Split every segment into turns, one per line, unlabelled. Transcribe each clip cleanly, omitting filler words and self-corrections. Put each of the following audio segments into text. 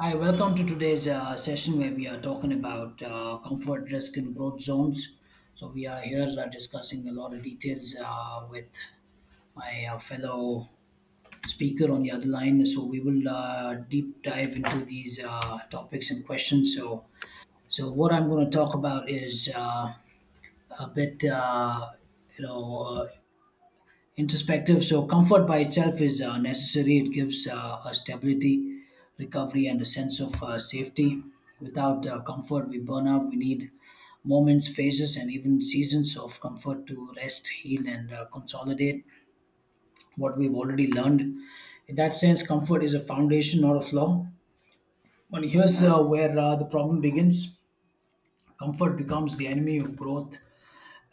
Hi, welcome to today's session where we are talking about comfort, risk, and growth zones. So, we are here discussing a lot of details with my fellow speaker on the other line. So, we will deep dive into these topics and questions. So, what I'm going to talk about is a bit, you know, introspective. So comfort by itself is necessary. It gives a stability, recovery, and a sense of safety. Without comfort, we burn out. We need moments, phases, and even seasons of comfort to rest, heal, and consolidate what we've already learned. In that sense, comfort is a foundation, not a flaw. But here's where the problem begins. Comfort becomes the enemy of growth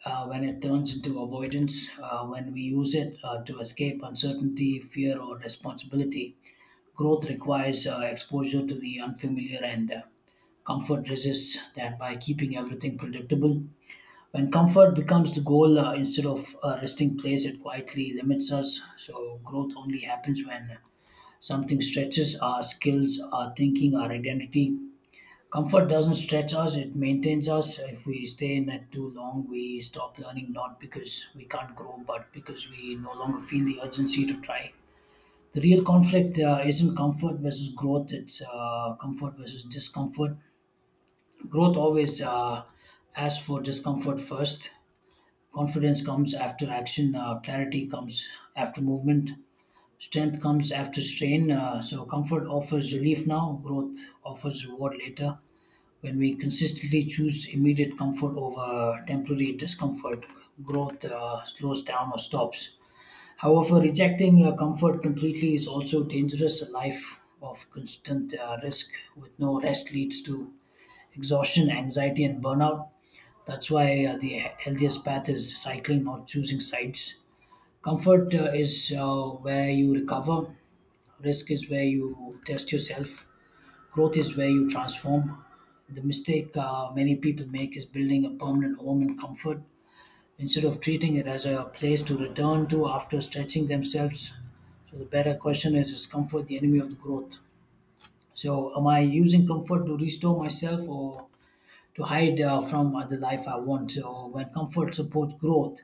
when it turns into avoidance, when we use it to escape uncertainty, fear, or responsibility. Growth requires exposure to the unfamiliar, and comfort resists that by keeping everything predictable. When comfort becomes the goal instead of a resting place, it quietly limits us. So, growth only happens when something stretches our skills, our thinking, our identity. Comfort doesn't stretch us, it maintains us. If we stay in it too long, we stop learning, not because we can't grow, but because we no longer feel the urgency to try. The real conflict isn't comfort versus growth, it's comfort versus discomfort. Growth always asks for discomfort first. Confidence comes after action, clarity comes after movement, strength comes after strain. So, comfort offers relief now, growth offers reward later. When we consistently choose immediate comfort over temporary discomfort, growth slows down or stops. However, rejecting comfort completely is also dangerous. A life of constant risk with no rest leads to exhaustion, anxiety, and burnout. That's why the healthiest path is cycling, not choosing sides. Comfort is where you recover, risk is where you test yourself. Growth is where you transform. The mistake many people make is building a permanent home in comfort instead of treating it as a place to return to after stretching themselves. So, the better question is comfort the enemy of the growth? So, am I using comfort to restore myself or to hide from the life I want? So, when comfort supports growth,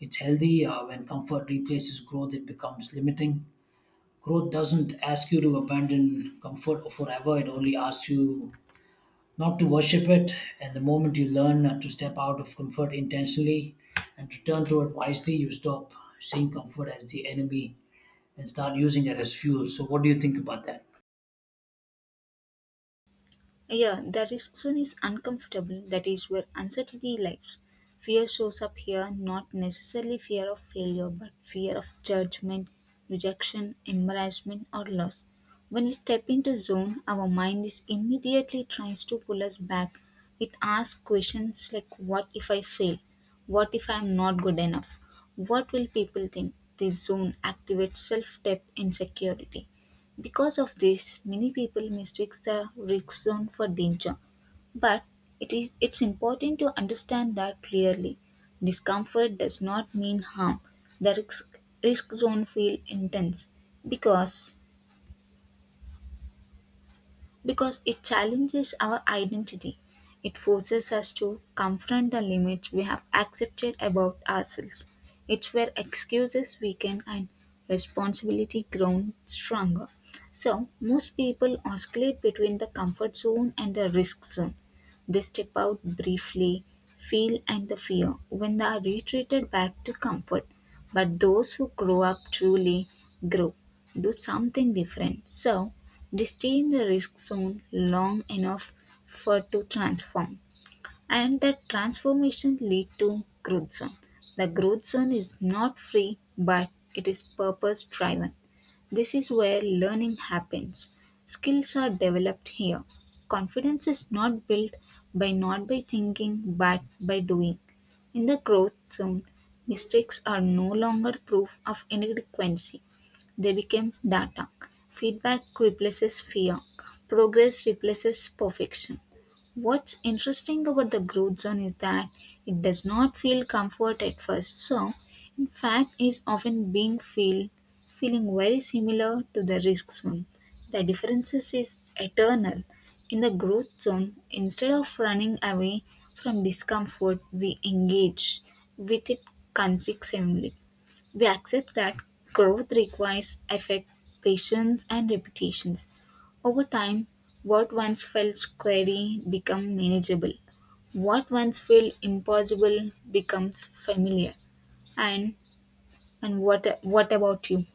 it's healthy. When comfort replaces growth, it becomes limiting. Growth doesn't ask you to abandon comfort forever, it only asks you not to worship it. And the moment you learn to step out of comfort intentionally and return to it wisely, you stop seeing comfort as the enemy and start using it as fuel. So, what do you think about that?
Yeah, the risk zone is uncomfortable. That is where uncertainty lies. Fear shows up here, not necessarily fear of failure, but fear of judgment, rejection, embarrassment, or loss. When we step into zone, our mind is immediately tries to pull us back. It asks questions like, "What if I fail? What if I am not good enough? What will people think?" This zone activates self-doubt insecurity. Because of this, many people mistakes the risk zone for danger. But it is it's important to understand that clearly. Discomfort does not mean harm. The risk zone feel intense because because it challenges our identity. It forces us to confront the limits we have accepted about ourselves. It's where excuses weaken and responsibility grown stronger. So, most people oscillate between the comfort zone and the risk zone. They step out briefly, feel and the fear when they are retreated back to comfort. But those who grow up truly grow, do something different. So, they stay in the risk zone long enough for to transform, and that transformation lead to growth zone. The growth zone is not free but it is purpose driven. This is where learning happens. Skills are developed here. Confidence is not built by not by thinking but by doing. In the growth zone, mistakes are no longer proof of inadequacy. They became data. Feedback replaces fear. Progress replaces perfection. What's interesting about the growth zone is that it does not feel comfort at first. So, in fact, is often being feel feeling very similar to the risk zone. The differences is eternal. In the growth zone, instead of running away from discomfort, we engage with it consistently. We accept that growth requires effort, patience, and repetitions. Over time, what once felt scary becomes manageable. What once felt impossible becomes familiar. And and what about you?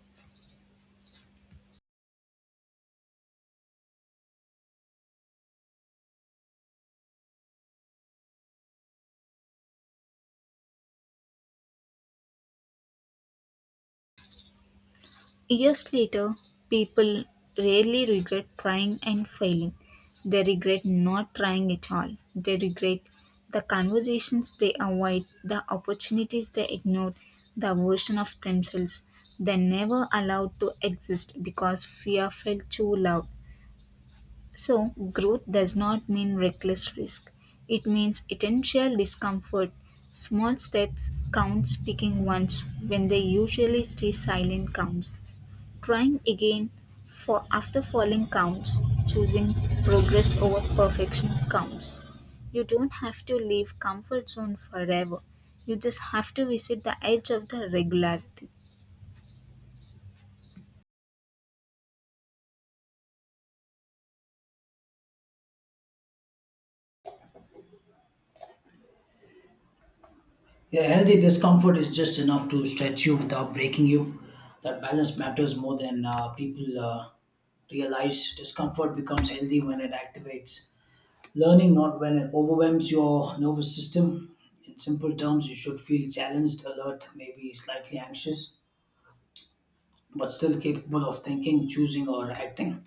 Years later, people rarely regret trying and failing. They regret not trying at all. They regret the conversations they avoid, the opportunities they ignored, the version of themselves they never allowed to exist because fear felt too loud. So, growth does not mean reckless risk. It means intentional discomfort. Small steps count speaking once when they usually stay silent counts trying again for after falling counts, choosing progress over perfection counts. You don't have to leave comfort zone forever. You just have to visit the edge of the regularity.
Yeah, healthy discomfort is just enough to stretch you without breaking you. That balance matters more than people realize. Discomfort becomes healthy when it activates learning, not when it overwhelms your nervous system. In simple terms, you should feel challenged, alert, maybe slightly anxious, but still capable of thinking, choosing, or acting.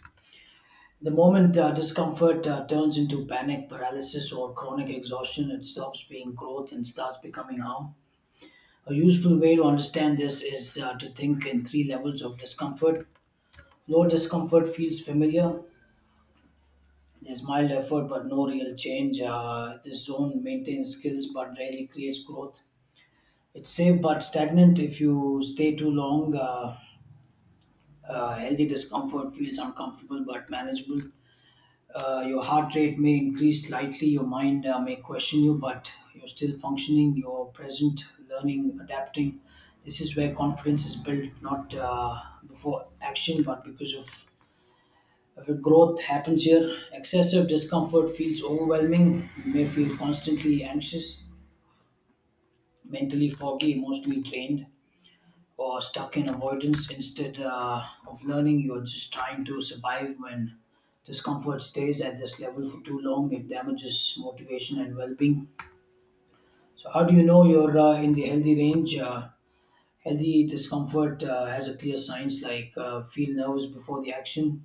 The moment discomfort turns into panic, paralysis, or chronic exhaustion, it stops being growth and starts becoming harm. A useful way to understand this is to think in three levels of discomfort. Low discomfort feels familiar. There's mild effort but no real change. This zone maintains skills but rarely creates growth. It's safe but stagnant if you stay too long. Healthy discomfort feels uncomfortable but manageable. Your heart rate may increase slightly, your mind may question you, but you're still functioning, you're present, learning, adapting. This is where confidence is built, not before action, but because of the growth happens here. Excessive discomfort feels overwhelming. You may feel constantly anxious, mentally foggy, emotionally drained, or stuck in avoidance instead of learning. You're just trying to survive. When discomfort stays at this level for too long, it damages motivation and well-being. So how do you know you're in the healthy range? Healthy discomfort has a clear signs, like feel nervous before the action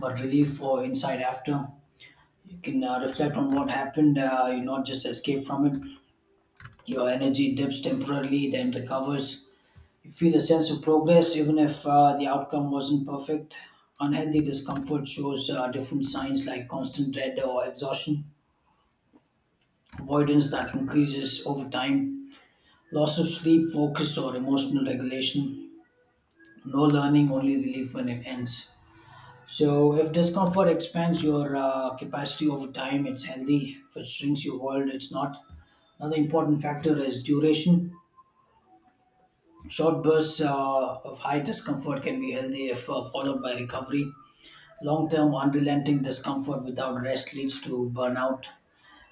but relief or insight after. You can reflect on what happened. You not just escape from it. Your energy dips temporarily, then recovers. You feel a sense of progress even if the outcome wasn't perfect. Unhealthy discomfort shows different signs, like constant dread or exhaustion, avoidance that increases over time, loss of sleep, focus, or emotional regulation, no learning, only relief when it ends. So, if discomfort expands your capacity over time, it's healthy. If it shrinks your world, it's not. Another important factor is duration. Short bursts of high discomfort can be healthy if followed by recovery. Long term, unrelenting discomfort without rest leads to burnout.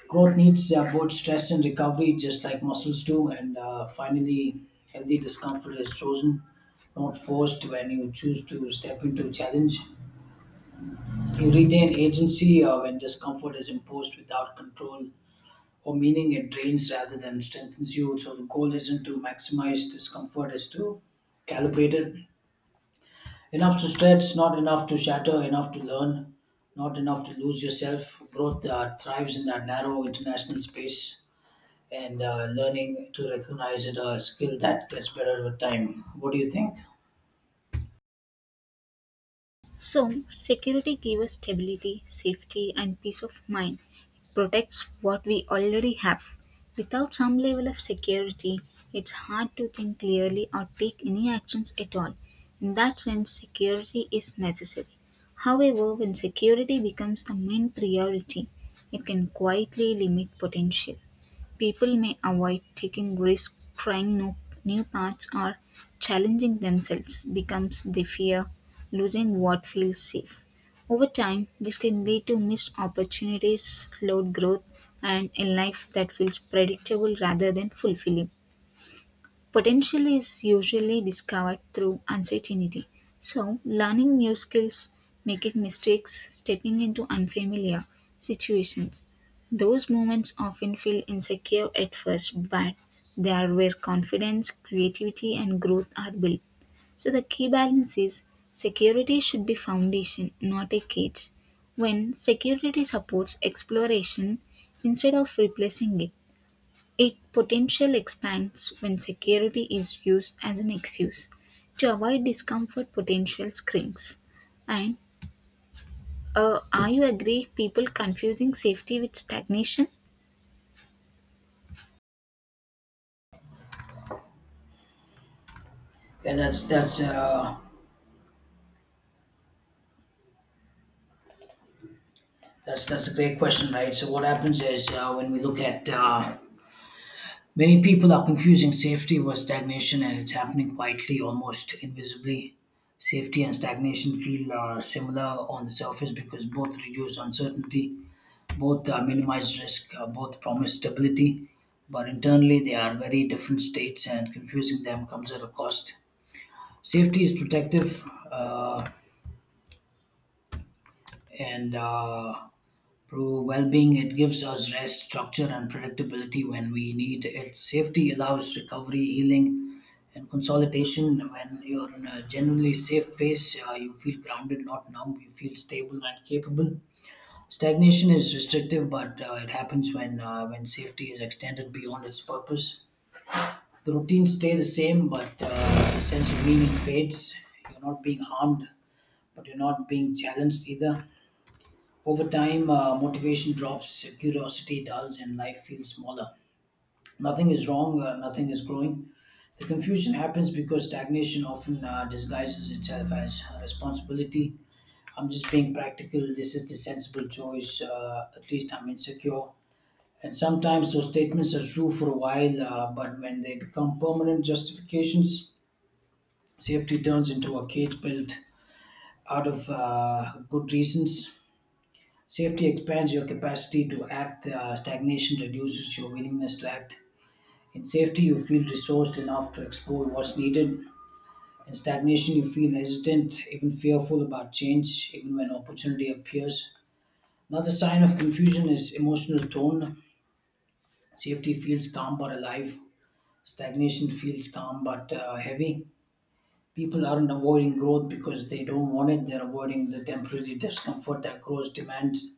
Growth needs both stress and recovery, just like muscles do. And finally, healthy discomfort is chosen, not forced. When you choose to step into challenge, you retain agency. When discomfort is imposed without control or meaning, it drains rather than strengthens you. So the goal isn't to maximize discomfort, is to calibrate it. Enough to stretch, not enough to shatter, enough to learn, not enough to lose yourself. Growth thrives in that narrow international space, and learning to recognize it a skill that gets better with time. What do you think?
So, security gives us stability, safety, and peace of mind. It protects what we already have. Without some level of security, it's hard to think clearly or take any actions at all. In that sense, security is necessary. However, when security becomes the main priority, it can quietly limit potential. People may avoid taking risks, trying new paths, or challenging themselves because they fear losing what feels safe. Over time, this can lead to missed opportunities, slowed growth, and a life that feels predictable rather than fulfilling. Potential is usually discovered through uncertainty. So, learning new skills, making mistakes, stepping into unfamiliar situations. Those moments often feel insecure at first, but they are where confidence, creativity, and growth are built. So, the key balance is security should be foundation, not a cage. When security supports exploration instead of replacing it, it potential expands when security is used as an excuse to avoid discomfort potential shrinks. And are you agree people confusing safety with stagnation?
Yeah, that's a great question, right? So what happens is when we look at many people are confusing safety with stagnation, and it's happening quietly, almost invisibly. Safety and stagnation feel similar on the surface because both reduce uncertainty. Both minimize risk, both promise stability, but internally they are very different states, and confusing them comes at a cost. Safety is protective uh, and through well being, it gives us rest, structure, and predictability when we need it. Safety allows recovery, healing, and consolidation. When you're in a generally safe phase, you feel grounded, not numb, you feel stable and capable. Stagnation is restrictive, but it happens when safety is extended beyond its purpose. The routines stay the same, but the sense of meaning fades. You're not being harmed, but you're not being challenged either. Over time, motivation drops, curiosity dulls, and life feels smaller. Nothing is wrong. Nothing is growing. The confusion happens because stagnation often disguises itself as responsibility. I'm just being practical. This is the sensible choice. At least I'm insecure. And sometimes those statements are true for a while, but when they become permanent justifications, safety turns into a cage built out of good reasons. Safety expands your capacity to act, stagnation reduces your willingness to act. In safety, you feel resourced enough to explore what's needed. In stagnation, you feel hesitant, even fearful about change, even when opportunity appears. Another sign of confusion is emotional tone. Safety feels calm but alive. Stagnation feels calm but heavy. People aren't avoiding growth because they don't want it, they're avoiding the temporary discomfort that growth demands.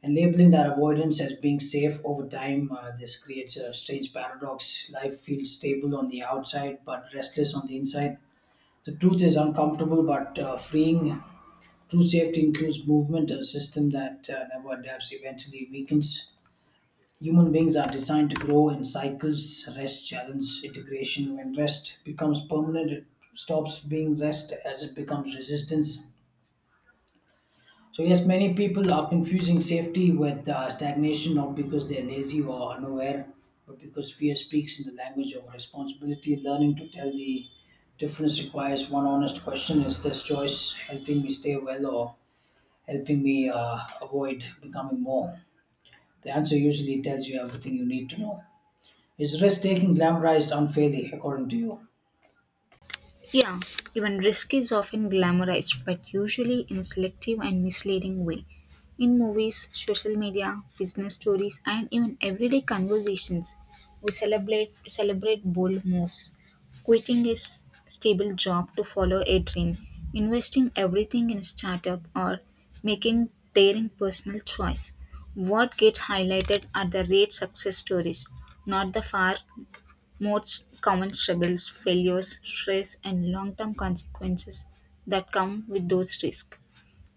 And labeling that avoidance as being safe over time, this creates a strange paradox. Life feels stable on the outside but restless on the inside. The truth is uncomfortable but freeing. True safety includes movement, a system that never adapts eventually weakens. Human beings are designed to grow in cycles: rest, challenge, integration. When rest becomes permanent, it stops being rest as it becomes resistance. So, yes, many people are confusing safety with stagnation, not because they're lazy or unaware, but because fear speaks in the language of responsibility. Learning to tell the difference requires one honest question: is this choice helping me stay well, or helping me avoid becoming more? The answer usually tells you everything you need to know. Is risk taking glamorized unfairly, according to you?
Yeah, even risk is often glamorized, but usually in a selective and misleading way. In movies, social media, business stories, and even everyday conversations, we celebrate bold moves. Quitting a stable job to follow a dream, investing everything in a startup, or making daring personal choice. What gets highlighted are the rare success stories, not the far most common struggles, failures, stress, and long term consequences that come with those risks.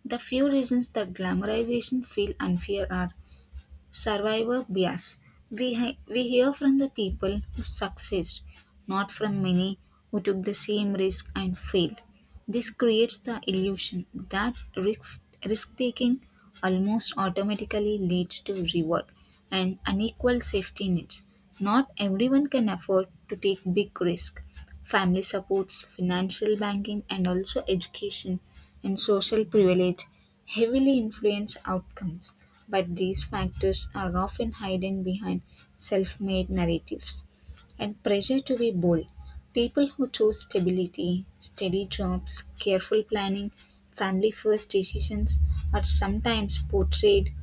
The few reasons that glamorization feel unfair are survivor bias. We hear from the people who succeeded, not from many who took the same risk and failed. This creates the illusion that risk taking almost automatically leads to reward and unequal safety nets. Not everyone can afford to take big risk. Family supports, financial banking, and also education and social privilege heavily influence outcomes, but these factors are often hidden behind self made narratives. And pressure to be bold. People who choose stability, steady jobs, careful planning, family first decisions are sometimes portrayed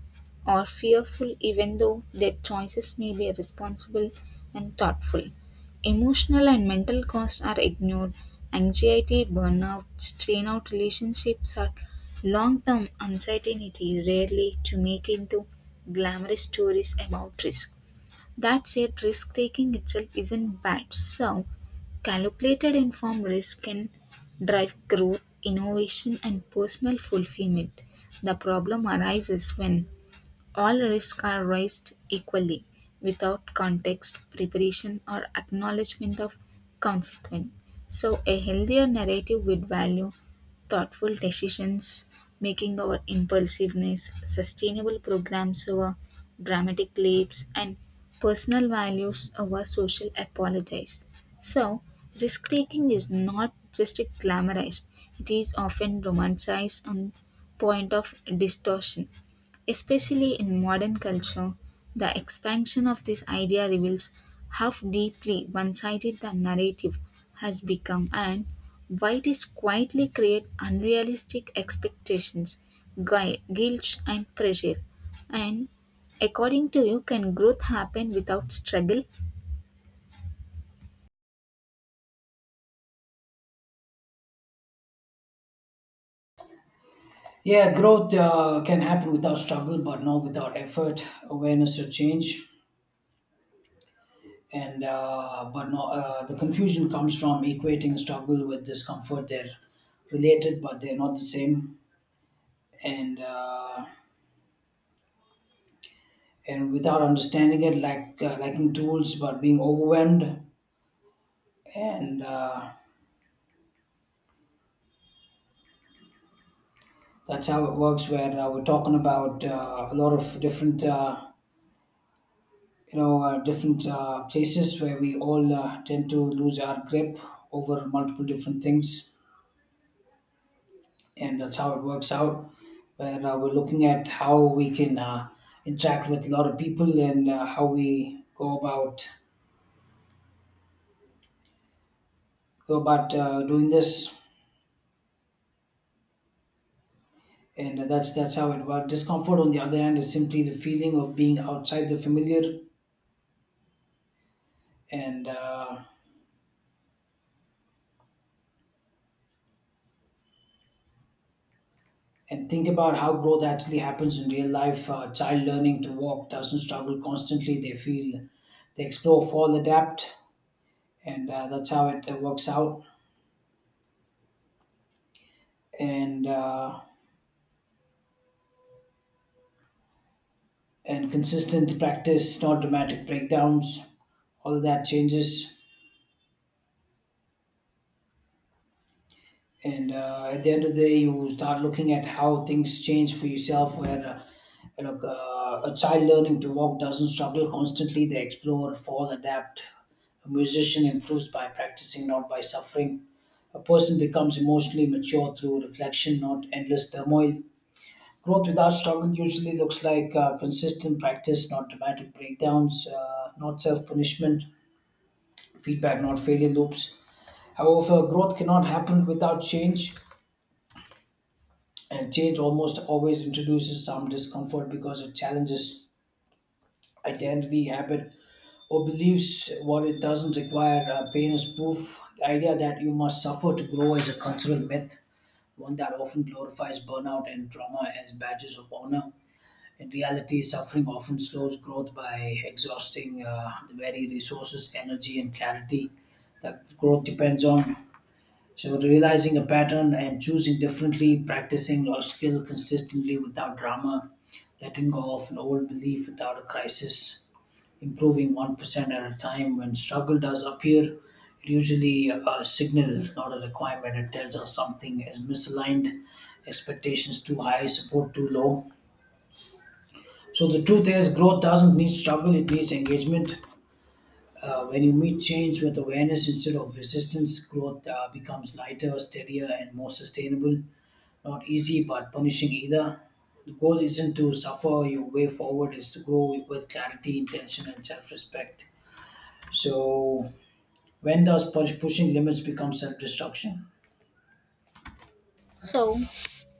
or fearful, even though their choices may be responsible and thoughtful. Emotional and mental costs are ignored. Anxiety, burnout, strain out relationships are long-term uncertainty rarely to make into glamorous stories about risk. That said, risk taking itself isn't bad. So, calculated informed risk can drive growth, innovation, and personal fulfillment. The problem arises when all risks are raised equally, without context, preparation, or acknowledgement of consequence. So, a healthier narrative would value thoughtful decisions, making our impulsiveness, sustainable programs over dramatic leaps, and personal values over social apologies. So, risk taking is not just glamorized, it is often romanticized on point of distortion. Especially in modern culture, the expansion of this idea reveals how deeply one sided the narrative has become and why it is quietly create unrealistic expectations, guilt, and pressure. And according to you, can growth happen without struggle?
Yeah, growth can happen without struggle, but not without effort, awareness, or change. And but no, the confusion comes from equating struggle with discomfort. They're related, but they're not the same. And uh, and without understanding it, like lacking tools, but being overwhelmed. And that's how it works. Where we're talking about a lot of different. Different places where we all tend to lose our grip over multiple different things, and that's how it works out, where we're looking at how we can interact with a lot of people, and how we go about doing this, and that's how it works. Discomfort on the other hand is simply the feeling of being outside the familiar, and think about how growth actually happens in real life. A child learning to walk doesn't struggle constantly. They feel, they explore, fall, adapt, and that's how it works out. And uh, and consistent practice, not dramatic breakdowns. All of that changes. And At the end of the day, you start looking at how things change for yourself where a child learning to walk doesn't struggle constantly. They explore, fall, adapt. A musician improves by practicing, not by suffering. A person becomes emotionally mature through reflection, not endless turmoil. Growth without struggle usually looks like consistent practice, not dramatic breakdowns, not self-punishment, feedback, not failure loops. However, growth cannot happen without change. And change almost always introduces some discomfort because it challenges identity, habit, or beliefs. What it doesn't require pain is proof. The idea that you must suffer to grow is a cultural myth, one that often glorifies burnout and trauma as badges of honor. In reality, suffering often slows growth by exhausting the very resources, energy, and clarity that growth depends on. So realizing a pattern and choosing differently, practicing your skill consistently without drama, letting go of an old belief without a crisis, improving 1% at a time. When struggle does appear, it usually a signal, not a requirement. It tells us something is misaligned, expectations too high, support too low. So the truth is, growth doesn't need struggle; it needs engagement. When you meet change with awareness instead of resistance, growth becomes lighter, steadier, and more sustainable. Not easy, but punishing either. The goal isn't to suffer your way forward, is to grow with clarity, intention, and self respect. So, when does pushing limits become self destruction?
So,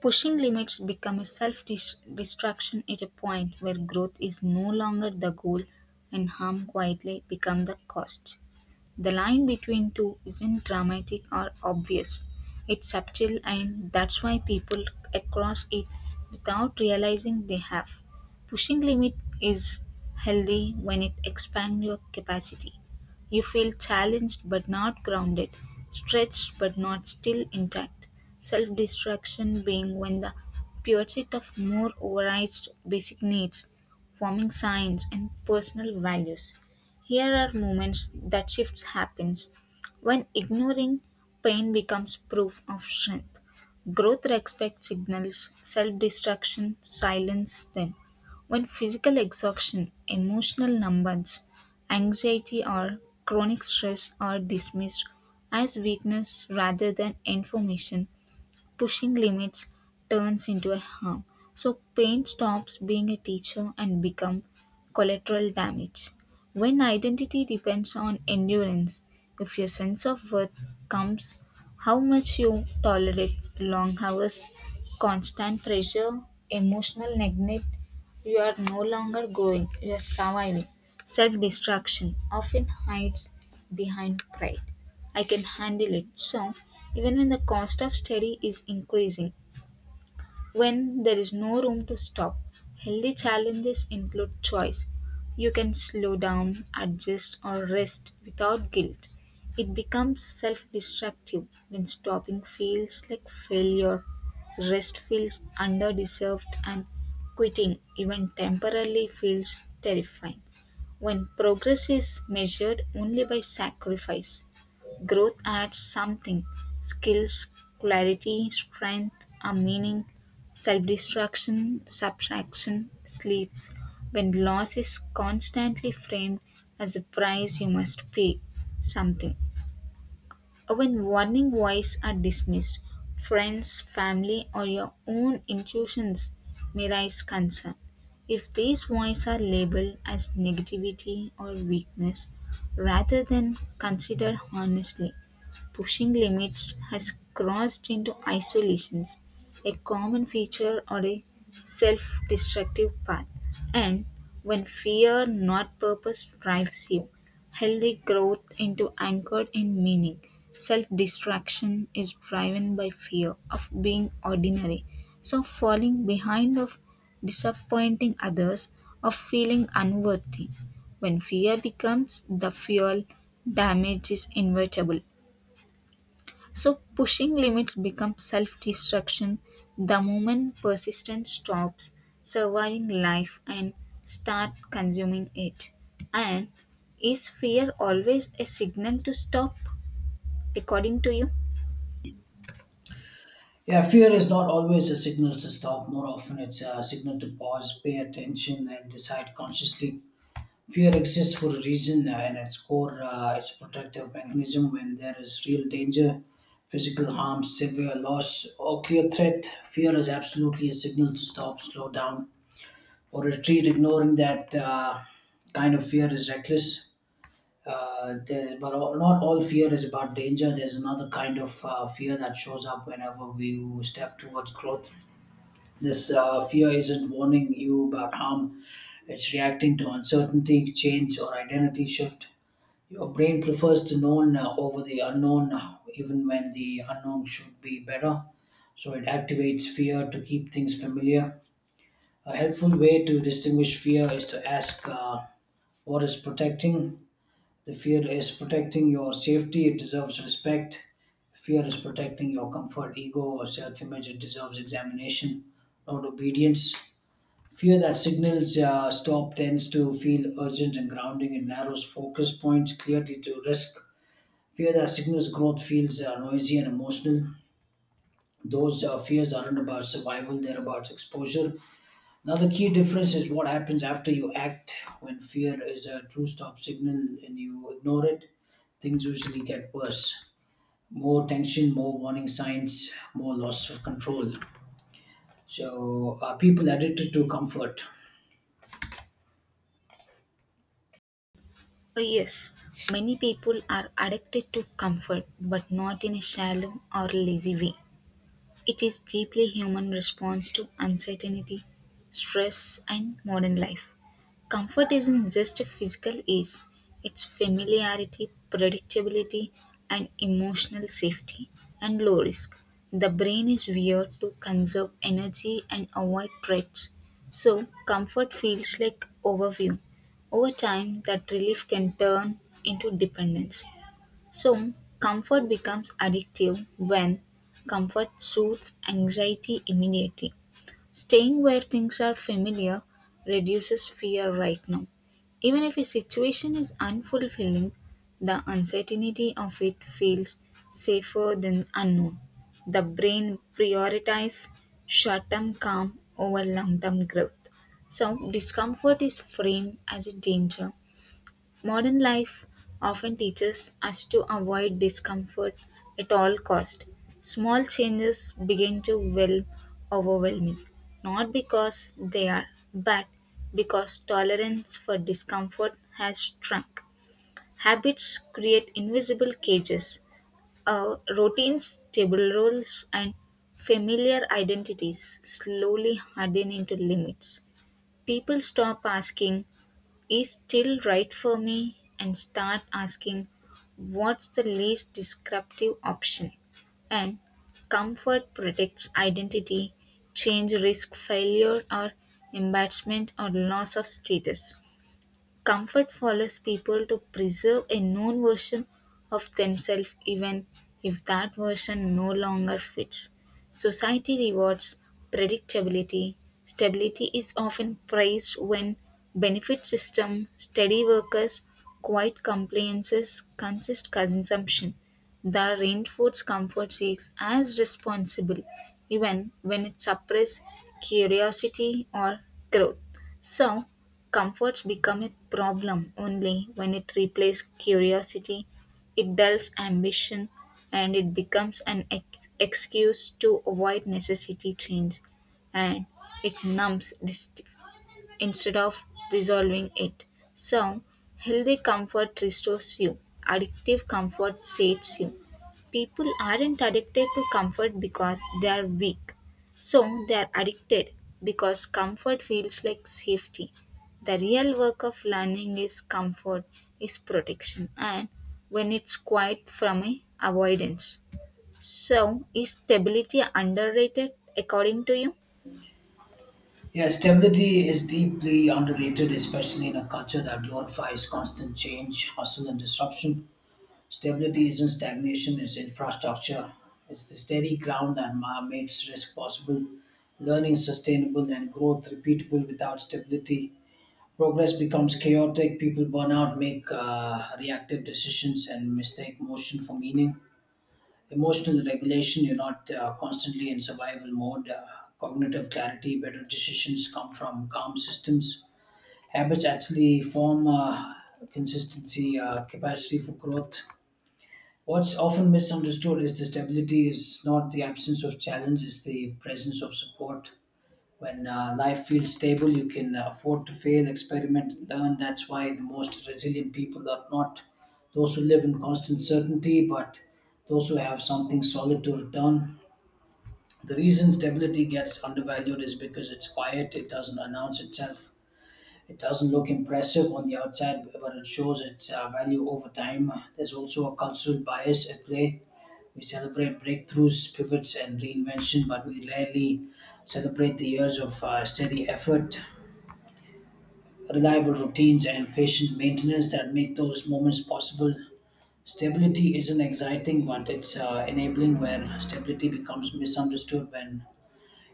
pushing limits become a self destruction at a point where growth is no longer the goal and harm quietly become the cost. The line between two isn't dramatic or obvious. It's subtle and that's why people cross it without realizing they have. Pushing limit is healthy when it expands your capacity. You feel challenged but not grounded, stretched but not still intact. Self destruction being when the pursuit of more overrides basic needs, forming signs and personal values. Here are moments that shifts happens when ignoring pain becomes proof of strength. Growth respects signals, self destruction silence them. When physical exhaustion, emotional numbness, anxiety or chronic stress are dismissed as weakness rather than information pushing limits turns into a harm. So pain stops being a teacher and become collateral damage. When identity depends on endurance, if your sense of worth comes how much you tolerate long hours, constant pressure, emotional neglect, you are no longer growing, you are surviving. Self destruction often hides behind pride. I can handle it. So, even when the cost of study is increasing, when there is no room to stop, healthy challenges include choice. You can slow down, adjust, or rest without guilt. It becomes self destructive when stopping feels like failure, rest feels underdeserved, and quitting, even temporarily, feels terrifying when progress is measured only by sacrifice. Growth adds something skills, clarity, strength, a meaning. Self destruction, subtraction, sleeps. When loss is constantly framed as a price you must pay, something. When warning voices are dismissed, friends, family, or your own intuitions may raise concern. If these voices are labeled as negativity or weakness rather than considered honestly, pushing limits has crossed into isolations, a common feature or a self destructive path. And when fear, not purpose, drives you, healthy growth into anchored in meaning. Self-distraction is driven by fear of being ordinary. So falling behind of disappointing others, of feeling unworthy. When fear becomes the fuel, damage is inevitable. So, pushing limits becomes self destruction the moment persistence stops surviving life and start consuming it. And is fear always a signal to stop, according to you?
Yeah, fear is not always a signal to stop. More often, it's a signal to pause, pay attention, and decide consciously. Fear exists for a reason, and at its core, it's a protective mechanism. When there is real danger, physical harm, severe loss, or clear threat, fear is absolutely a signal to stop, slow down, or retreat. Ignoring that kind of fear is reckless. Not all fear is about danger. There's another kind of fear that shows up whenever we step towards growth. This fear isn't warning you about harm, it's reacting to uncertainty, change, or identity shift. Your brain prefers the known over the unknown, even when the unknown should be better. So it activates fear to keep things familiar. A helpful way to distinguish fear is to ask what is protecting. The fear is protecting your safety, it deserves respect. Fear is protecting your comfort, ego, or self image, it deserves examination, not obedience. Fear that signals stop tends to feel urgent and grounding. It narrows focus points clearly to risk. Fear that signals growth feels noisy and emotional. Those fears aren't about survival, they're about exposure. Now, the key difference is what happens after you act. When fear is a true stop signal and you ignore it, things usually get worse. More tension, more warning signs, more loss of control. So, are people addicted to comfort?
Oh, yes, many people are addicted to comfort, but not in a shallow or lazy way. It is deeply human response to uncertainty, stress, and modern life. Comfort isn't just a physical ease, it's familiarity, predictability, and emotional safety, and low risk. The brain is wired to conserve energy and avoid threats, so comfort feels like overview. Over time, that relief can turn into dependence. Soon, comfort becomes addictive when comfort soothes anxiety immediately. Staying where things are familiar reduces fear right now. Even if a situation is unfulfilling, the uncertainty of it feels safer than unknown. The brain prioritizes short term calm over long term growth. So, discomfort is framed as a danger. Modern life often teaches us to avoid discomfort at all cost. Small changes begin to feel overwhelming, not because they are bad, because tolerance for discomfort has shrunk. Habits create invisible cages. Our routines, table roles, and familiar identities slowly harden into limits. People stop asking, is still right for me and start asking what's the least disruptive option and comfort protects identity change risk failure or embarrassment or loss of status. Comfort follows people to preserve a known version of themselves even if that version no longer fits. Society rewards predictability. Stability is often praised when benefit system, steady workers, quiet compliances, consist consumption. The reinforced comfort seeks as responsible even when it suppresses curiosity or growth. So, comforts become a problem only when it replaces curiosity, it dulls ambition, and it becomes an excuse to avoid necessity change and it numbs instead of resolving it. So, healthy comfort restores you, addictive comfort sates you. People aren't addicted to comfort because they are weak. So, they are addicted because comfort feels like safety. The real work of learning is comfort, is protection, and when it's quiet from a avoidance. So, is stability underrated according to you?
Yeah, stability is deeply underrated, especially in a culture that glorifies constant change, hustle, and disruption. Stability isn't stagnation, it's infrastructure. It's the steady ground that makes risk possible, learning sustainable, and growth repeatable without stability. Progress becomes chaotic, people burn out, make reactive decisions, and mistake motion for meaning, emotional regulation. You're not constantly in survival mode. Cognitive clarity, better decisions come from calm systems. Habits actually form consistency, capacity for growth. What's often misunderstood is the stability is not the absence of challenge, it's the presence of support. When life feels stable, you can afford to fail, experiment, learn. That's why the most resilient people are not those who live in constant certainty, but those who have something solid to return. The reason stability gets undervalued is because it's quiet, it doesn't announce itself, it doesn't look impressive on the outside, but it shows its value over time. There's also a cultural bias at play. We celebrate breakthroughs, pivots, and reinvention, but we rarely celebrate the years of steady effort, reliable routines, and patient maintenance that make those moments possible. Stability isn't exciting, but it's enabling where stability becomes misunderstood when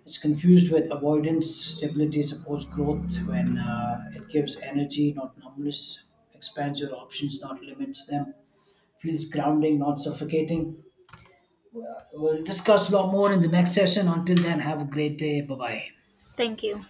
it's confused with avoidance. Stability supports growth when it gives energy, not numbness, expands your options, not limits them, feels grounding, not suffocating. We'll discuss a lot more in the next session. Until then, have a great day. Bye bye.
Thank you.